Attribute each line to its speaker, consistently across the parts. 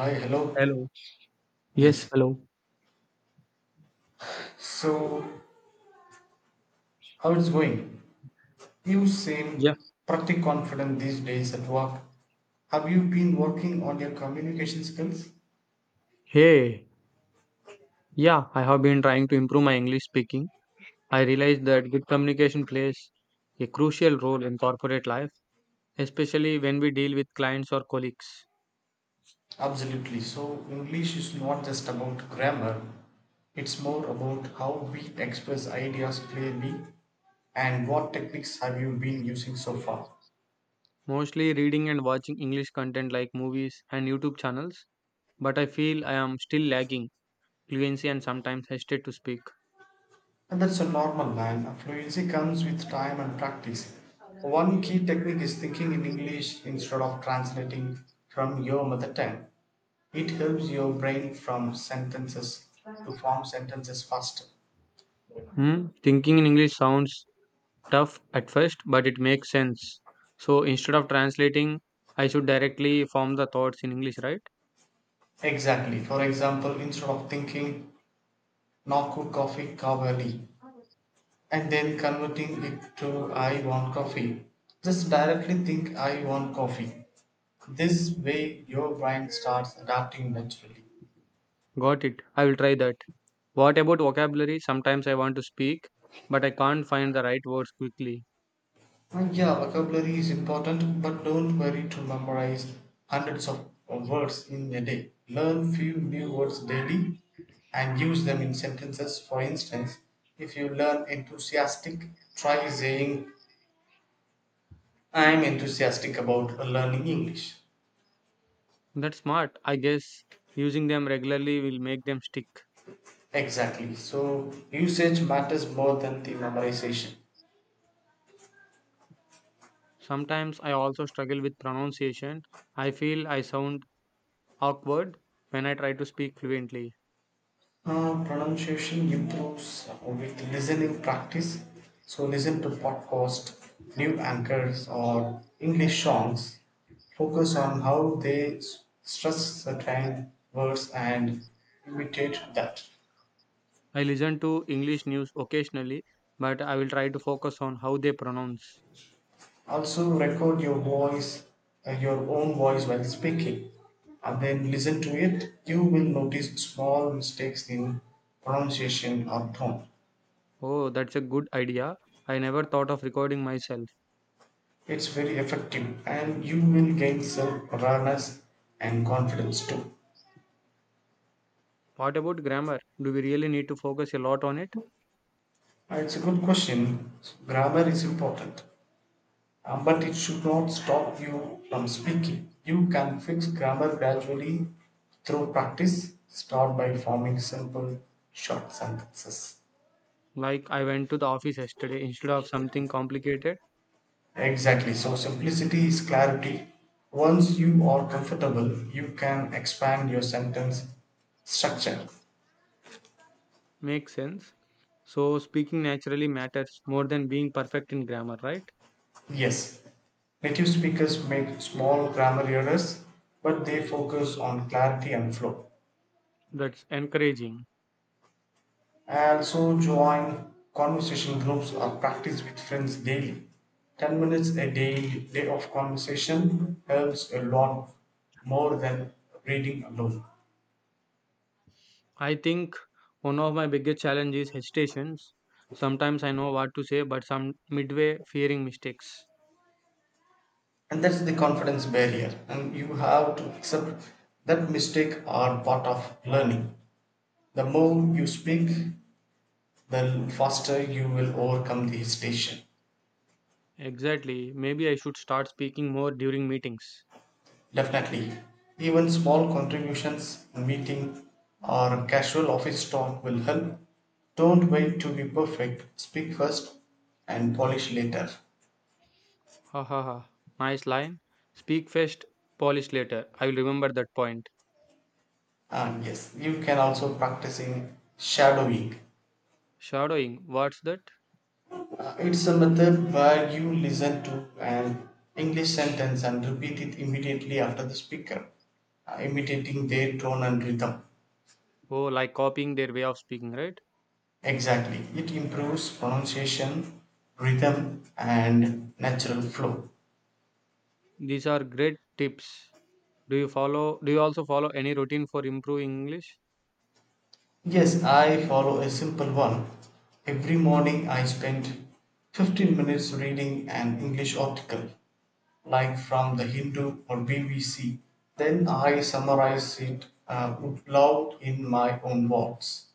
Speaker 1: Hi, hello.
Speaker 2: Hello. Yes,
Speaker 1: Yes.
Speaker 2: hello.
Speaker 1: So, how it's going? You
Speaker 2: Yeah.
Speaker 1: seem pretty confident these days at work. Have you been working on your communication skills?
Speaker 2: Hey, yeah, I have been trying to improve my English speaking. I realized that good communication plays a crucial role in corporate life, especially when we deal with clients or colleagues.
Speaker 1: Absolutely. So, English is not just about grammar, it's more about how we express ideas clearly, and what techniques have you been using so far?
Speaker 2: Mostly reading and watching English content like movies and YouTube channels, but I feel I am still lacking fluency and sometimes hesitate to speak.
Speaker 1: And that's a normal line. Fluency comes with time and practice. One key technique is thinking in English instead of translating from your mother tongue. It helps your brain from sentences to form sentences faster.
Speaker 2: Hmm? Thinking in English sounds tough at first, but it makes sense. So instead of translating, I should directly form the thoughts in English, right?
Speaker 1: Exactly. For example, instead of thinking "Naku coffee kavali" and then converting it to "I want coffee," just directly think "I want coffee." This way, your brain starts adapting naturally.
Speaker 2: Got it. I will try that. What about vocabulary? Sometimes I want to speak, but I can't find the right words quickly.
Speaker 1: Yeah, vocabulary is important, but don't worry to memorize hundreds of words in a day. Learn few new words daily and use them in sentences. For instance, if you learn enthusiastic, try saying, I'm enthusiastic about learning English.
Speaker 2: That's smart. I guess using them regularly will make them stick.
Speaker 1: Exactly. So, usage matters more than the memorization.
Speaker 2: Sometimes I also struggle with pronunciation. I feel I sound awkward when I try to speak fluently.
Speaker 1: Pronunciation improves with listening practice. So listen to podcast, new anchors, or English songs. Focus on how they stress certain words and imitate that.
Speaker 2: I listen to English news occasionally, but I will try to focus on how they pronounce.
Speaker 1: Also record your voice, your own voice while speaking, and then listen to it. You will notice small mistakes in pronunciation or tone.
Speaker 2: Oh, that's a good idea. I never thought of recording myself.
Speaker 1: It's very effective, and you will gain self awareness and confidence too.
Speaker 2: What about grammar? Do we really need to focus a lot on it?
Speaker 1: It's a good question. Grammar is important, but it should not stop you from speaking. You can fix grammar gradually through practice. Start by forming simple, short sentences.
Speaker 2: Like I went to the office yesterday instead of something complicated.
Speaker 1: Exactly. So, simplicity is clarity. Once you are comfortable, you can expand your sentence structure.
Speaker 2: Makes sense. So speaking naturally matters more than being perfect in grammar, right?
Speaker 1: Yes, native speakers make small grammar errors, but they focus on clarity and flow.
Speaker 2: That's encouraging.
Speaker 1: I also join conversation groups or practice with friends daily. 10 minutes a day, day of conversation helps a lot more than reading alone.
Speaker 2: I think one of my biggest challenges is hesitations. Sometimes I know what to say, but some midway fearing mistakes.
Speaker 1: And that's the confidence barrier. And you have to accept that mistake are part of learning. The more you speak, the faster you will overcome the hesitation.
Speaker 2: Exactly. Maybe I should start speaking more during meetings.
Speaker 1: Definitely. Even small contributions, a meeting, or casual office talk will help. Don't wait to be perfect. Speak first and polish later.
Speaker 2: Ha ha ha. Nice line. Speak first, polish later. I will remember that point.
Speaker 1: And yes, you can also practicing shadowing.
Speaker 2: Shadowing, what's that?
Speaker 1: It's a method where you listen to an English sentence and repeat it immediately after the speaker, imitating their tone and rhythm.
Speaker 2: Oh, like copying their way of speaking, right?
Speaker 1: Exactly. It improves pronunciation, rhythm, and natural flow.
Speaker 2: These are great tips. Do you also follow any routine for improving English?
Speaker 1: Yes, I follow a simple one. Every morning I spend 15 minutes reading an English article, like from the Hindu or BBC. Then I summarize it out loud in my own words.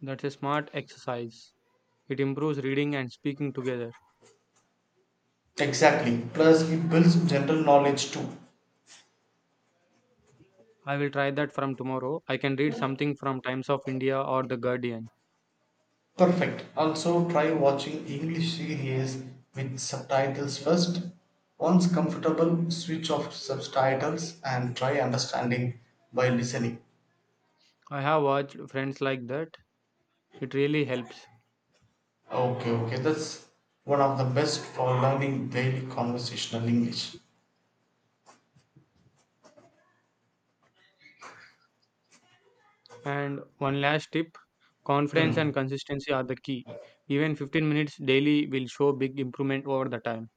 Speaker 2: That's a smart exercise. It improves reading and speaking together.
Speaker 1: Exactly. Plus, it builds general knowledge too.
Speaker 2: I will try that from tomorrow. I can read something from Times of India or The Guardian.
Speaker 1: Perfect. Also, try watching English series with subtitles first. Once comfortable, switch off subtitles and try understanding by listening.
Speaker 2: I have watched friends like that. It really helps.
Speaker 1: Okay, okay. That's one of the best for learning daily conversational English.
Speaker 2: And one last tip, confidence
Speaker 1: Hmm.
Speaker 2: and consistency are the key. Even 15 minutes daily will show big improvement over the time.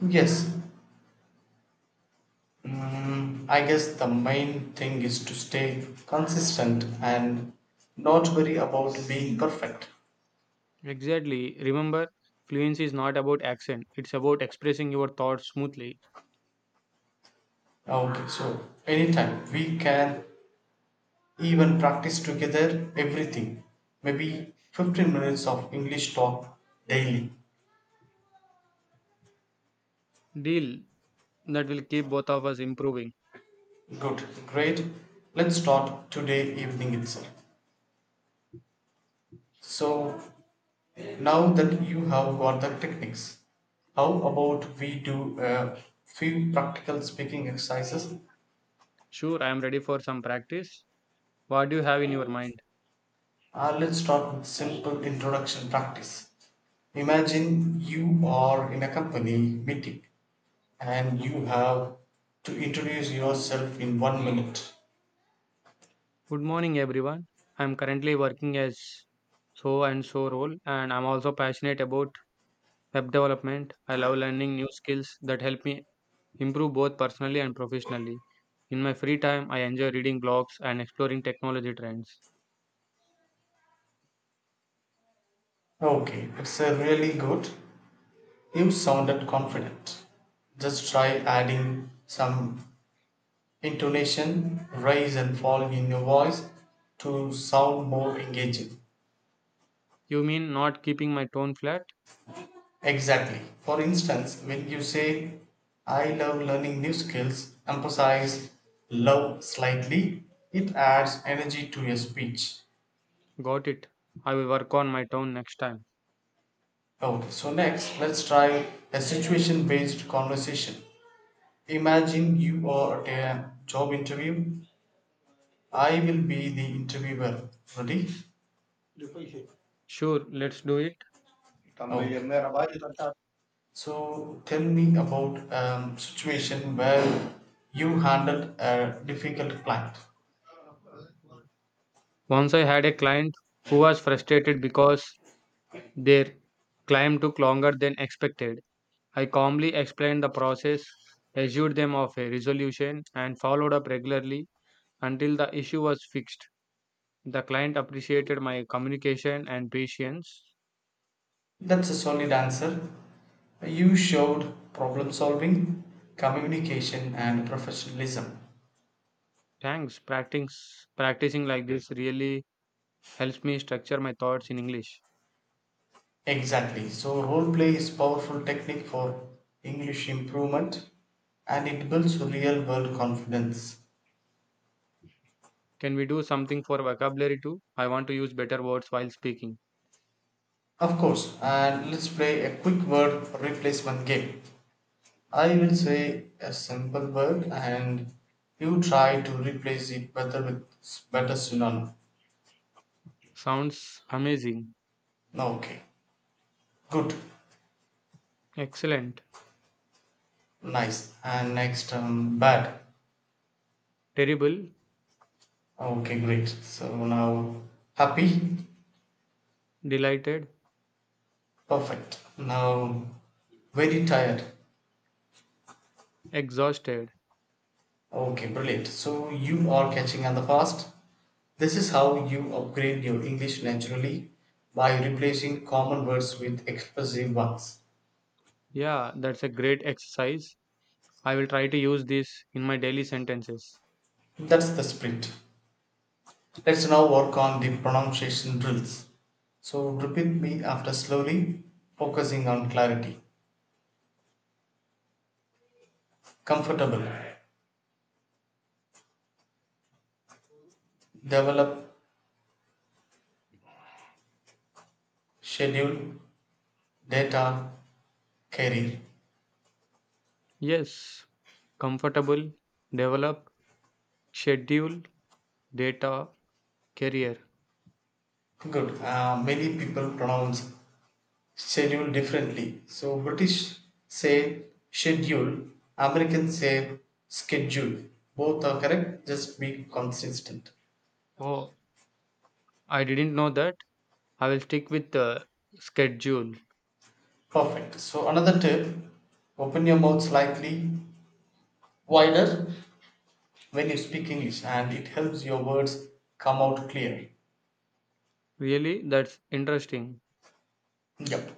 Speaker 1: Yes. I guess the main thing is to stay consistent and not worry about being perfect.
Speaker 2: Exactly. Remember, fluency is not about accent. It's about expressing your thoughts smoothly.
Speaker 1: Okay, so anytime we can even practice together everything. Maybe 15 minutes of English talk daily.
Speaker 2: Deal that will keep both of us improving.
Speaker 1: Good, great. Let's start today evening itself. So now that you have got the techniques, how about we do a few practical speaking exercises?
Speaker 2: Sure, I am ready for some practice. What do you have in your mind?
Speaker 1: Let's start with simple introduction practice. Imagine you are in a company meeting and you have to introduce yourself in 1 minute.
Speaker 2: Good morning, everyone. I am currently working as so and so role, and I'm also passionate about web development. I love learning new skills that help me improve both personally and professionally. In my free time, I enjoy reading blogs and exploring technology trends.
Speaker 1: Okay, it's a really good. You sounded confident. Just try adding some intonation rise and fall in your voice to sound more engaging.
Speaker 2: You mean not keeping my tone flat?
Speaker 1: Exactly. For instance, when you say, I love learning new skills, emphasize love slightly, it adds energy to your speech.
Speaker 2: Got it. I will work on my tone next time.
Speaker 1: Okay, so next, let's try a situation based conversation. Imagine you are at a job interview. I will be the interviewer. Ready?
Speaker 2: Sure, let's do it.
Speaker 1: Okay. So tell me about situation where you handled a difficult client.
Speaker 2: Once I had a client who was frustrated because their climb took longer than expected. I calmly explained the process, assured them of a resolution, and followed up regularly until the issue was fixed. The client appreciated my communication and patience.
Speaker 1: That's a solid answer. You showed problem solving, communication, and professionalism.
Speaker 2: Thanks. Practicing like this really helps me structure my thoughts in English.
Speaker 1: Exactly. So role play is powerful technique for English improvement, and it builds real world confidence.
Speaker 2: Can we do something for vocabulary too? I want to use better words while speaking.
Speaker 1: Of course. And let's play a quick word replacement game. I will say a simple word and you try to replace it better with better synonym.
Speaker 2: Sounds amazing.
Speaker 1: No, okay, good,
Speaker 2: Excellent.
Speaker 1: nice. And next, bad.
Speaker 2: Terrible.
Speaker 1: Okay, great. So now, happy,
Speaker 2: Delighted.
Speaker 1: perfect. Now, very tired.
Speaker 2: Exhausted.
Speaker 1: Okay, brilliant. So you are catching on the fast. This is how you upgrade your English naturally by replacing common words with expressive ones.
Speaker 2: Yeah, that's a great exercise. I will try to use this in my daily sentences.
Speaker 1: That's the spirit. Let's now work on the pronunciation drills. So repeat me after slowly, focusing on clarity. Comfortable. Develop. Schedule. Data. Career.
Speaker 2: Yes. Comfortable. Develop. Schedule. Data. Career.
Speaker 1: Good. Many people pronounce schedule differently. So British say schedule, Americans say schedule. Both are correct, just be consistent.
Speaker 2: Oh, I didn't know that. I will stick with the schedule.
Speaker 1: Perfect. So another tip, open your mouth slightly wider when you speak English, and it helps your words come out clear.
Speaker 2: Really, that's interesting.
Speaker 1: Yep.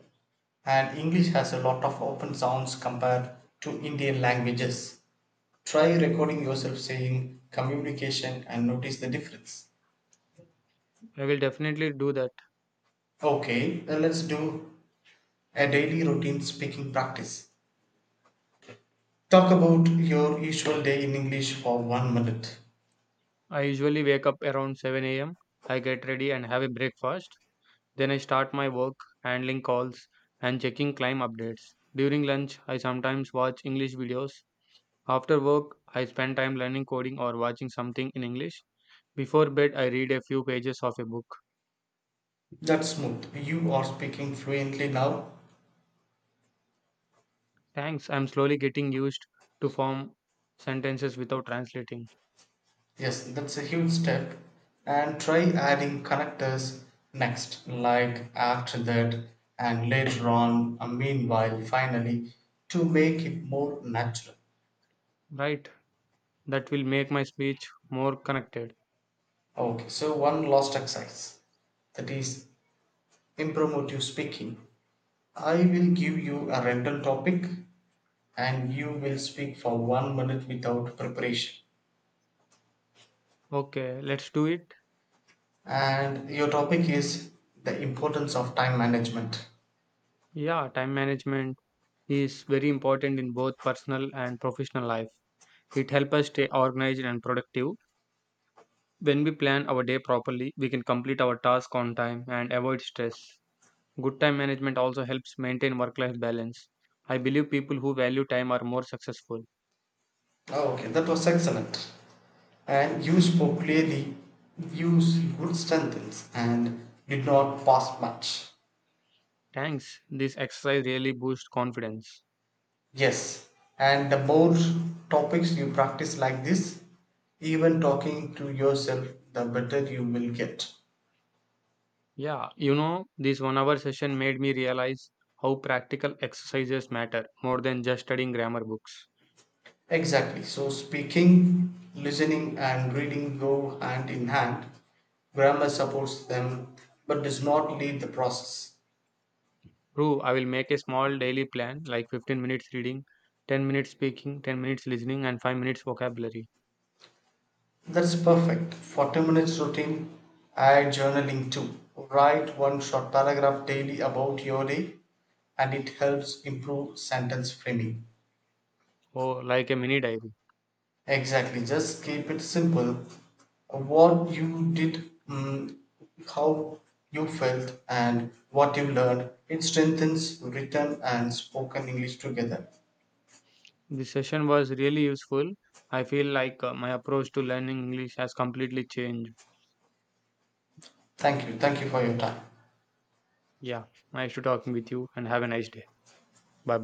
Speaker 1: And English has a lot of open sounds compared to Indian languages. Try recording yourself saying communication and notice the difference.
Speaker 2: I will definitely do that.
Speaker 1: Okay, then let's do a daily routine speaking practice. Talk about your usual day in English for 1 minute.
Speaker 2: I usually wake up around 7 a.m. I get ready and have a breakfast. Then I start my work, handling calls and checking climb updates. During lunch, I sometimes watch English videos. After work, I spend time learning coding or watching something in English. Before bed, I read a few pages of a book.
Speaker 1: That's smooth. You are speaking fluently now.
Speaker 2: Thanks, I'm slowly getting used to form sentences without translating.
Speaker 1: Yes, that's a huge step. And try adding connectors next, like after that, and later on, meanwhile, finally, to make it more natural.
Speaker 2: Right, that will make my speech more connected.
Speaker 1: Okay, so one last exercise, that is impromptu speaking. I will give you a random topic and you will speak for 1 minute without preparation.
Speaker 2: Okay, let's do it.
Speaker 1: And your topic is the importance of time management.
Speaker 2: Yeah, time management is very important in both personal and professional life. It helps us stay organized and productive. When we plan our day properly, we can complete our task on time and avoid stress. Good time management also helps maintain work life balance. I believe people who value time are more successful.
Speaker 1: Oh, okay, that was excellent. And you spoke clearly, used good sentence, and did not pass much.
Speaker 2: Thanks. This exercise really boosts confidence.
Speaker 1: Yes, and the more topics you practice like this, even talking to yourself, the better you will get.
Speaker 2: Yeah, this 1 hour session made me realize how practical exercises matter more than just studying grammar books.
Speaker 1: Exactly. So, speaking, listening, and reading go hand in hand. Grammar supports them but does not lead the process.
Speaker 2: True, I will make a small daily plan like 15 minutes reading, 10 minutes speaking, 10 minutes listening, and 5 minutes vocabulary.
Speaker 1: That's perfect. 40 minutes routine, add journaling too. Write one short paragraph daily about your day, and it helps improve sentence framing.
Speaker 2: Oh, like a mini diary.
Speaker 1: Exactly, just keep it simple. What you did, how you felt, and what you learned. It strengthens written and spoken English together.
Speaker 2: This session was really useful. I feel like my approach to learning English has completely changed.
Speaker 1: Thank you. Thank you for your time.
Speaker 2: Yeah, nice to talking with you and have a nice day. Bye bye.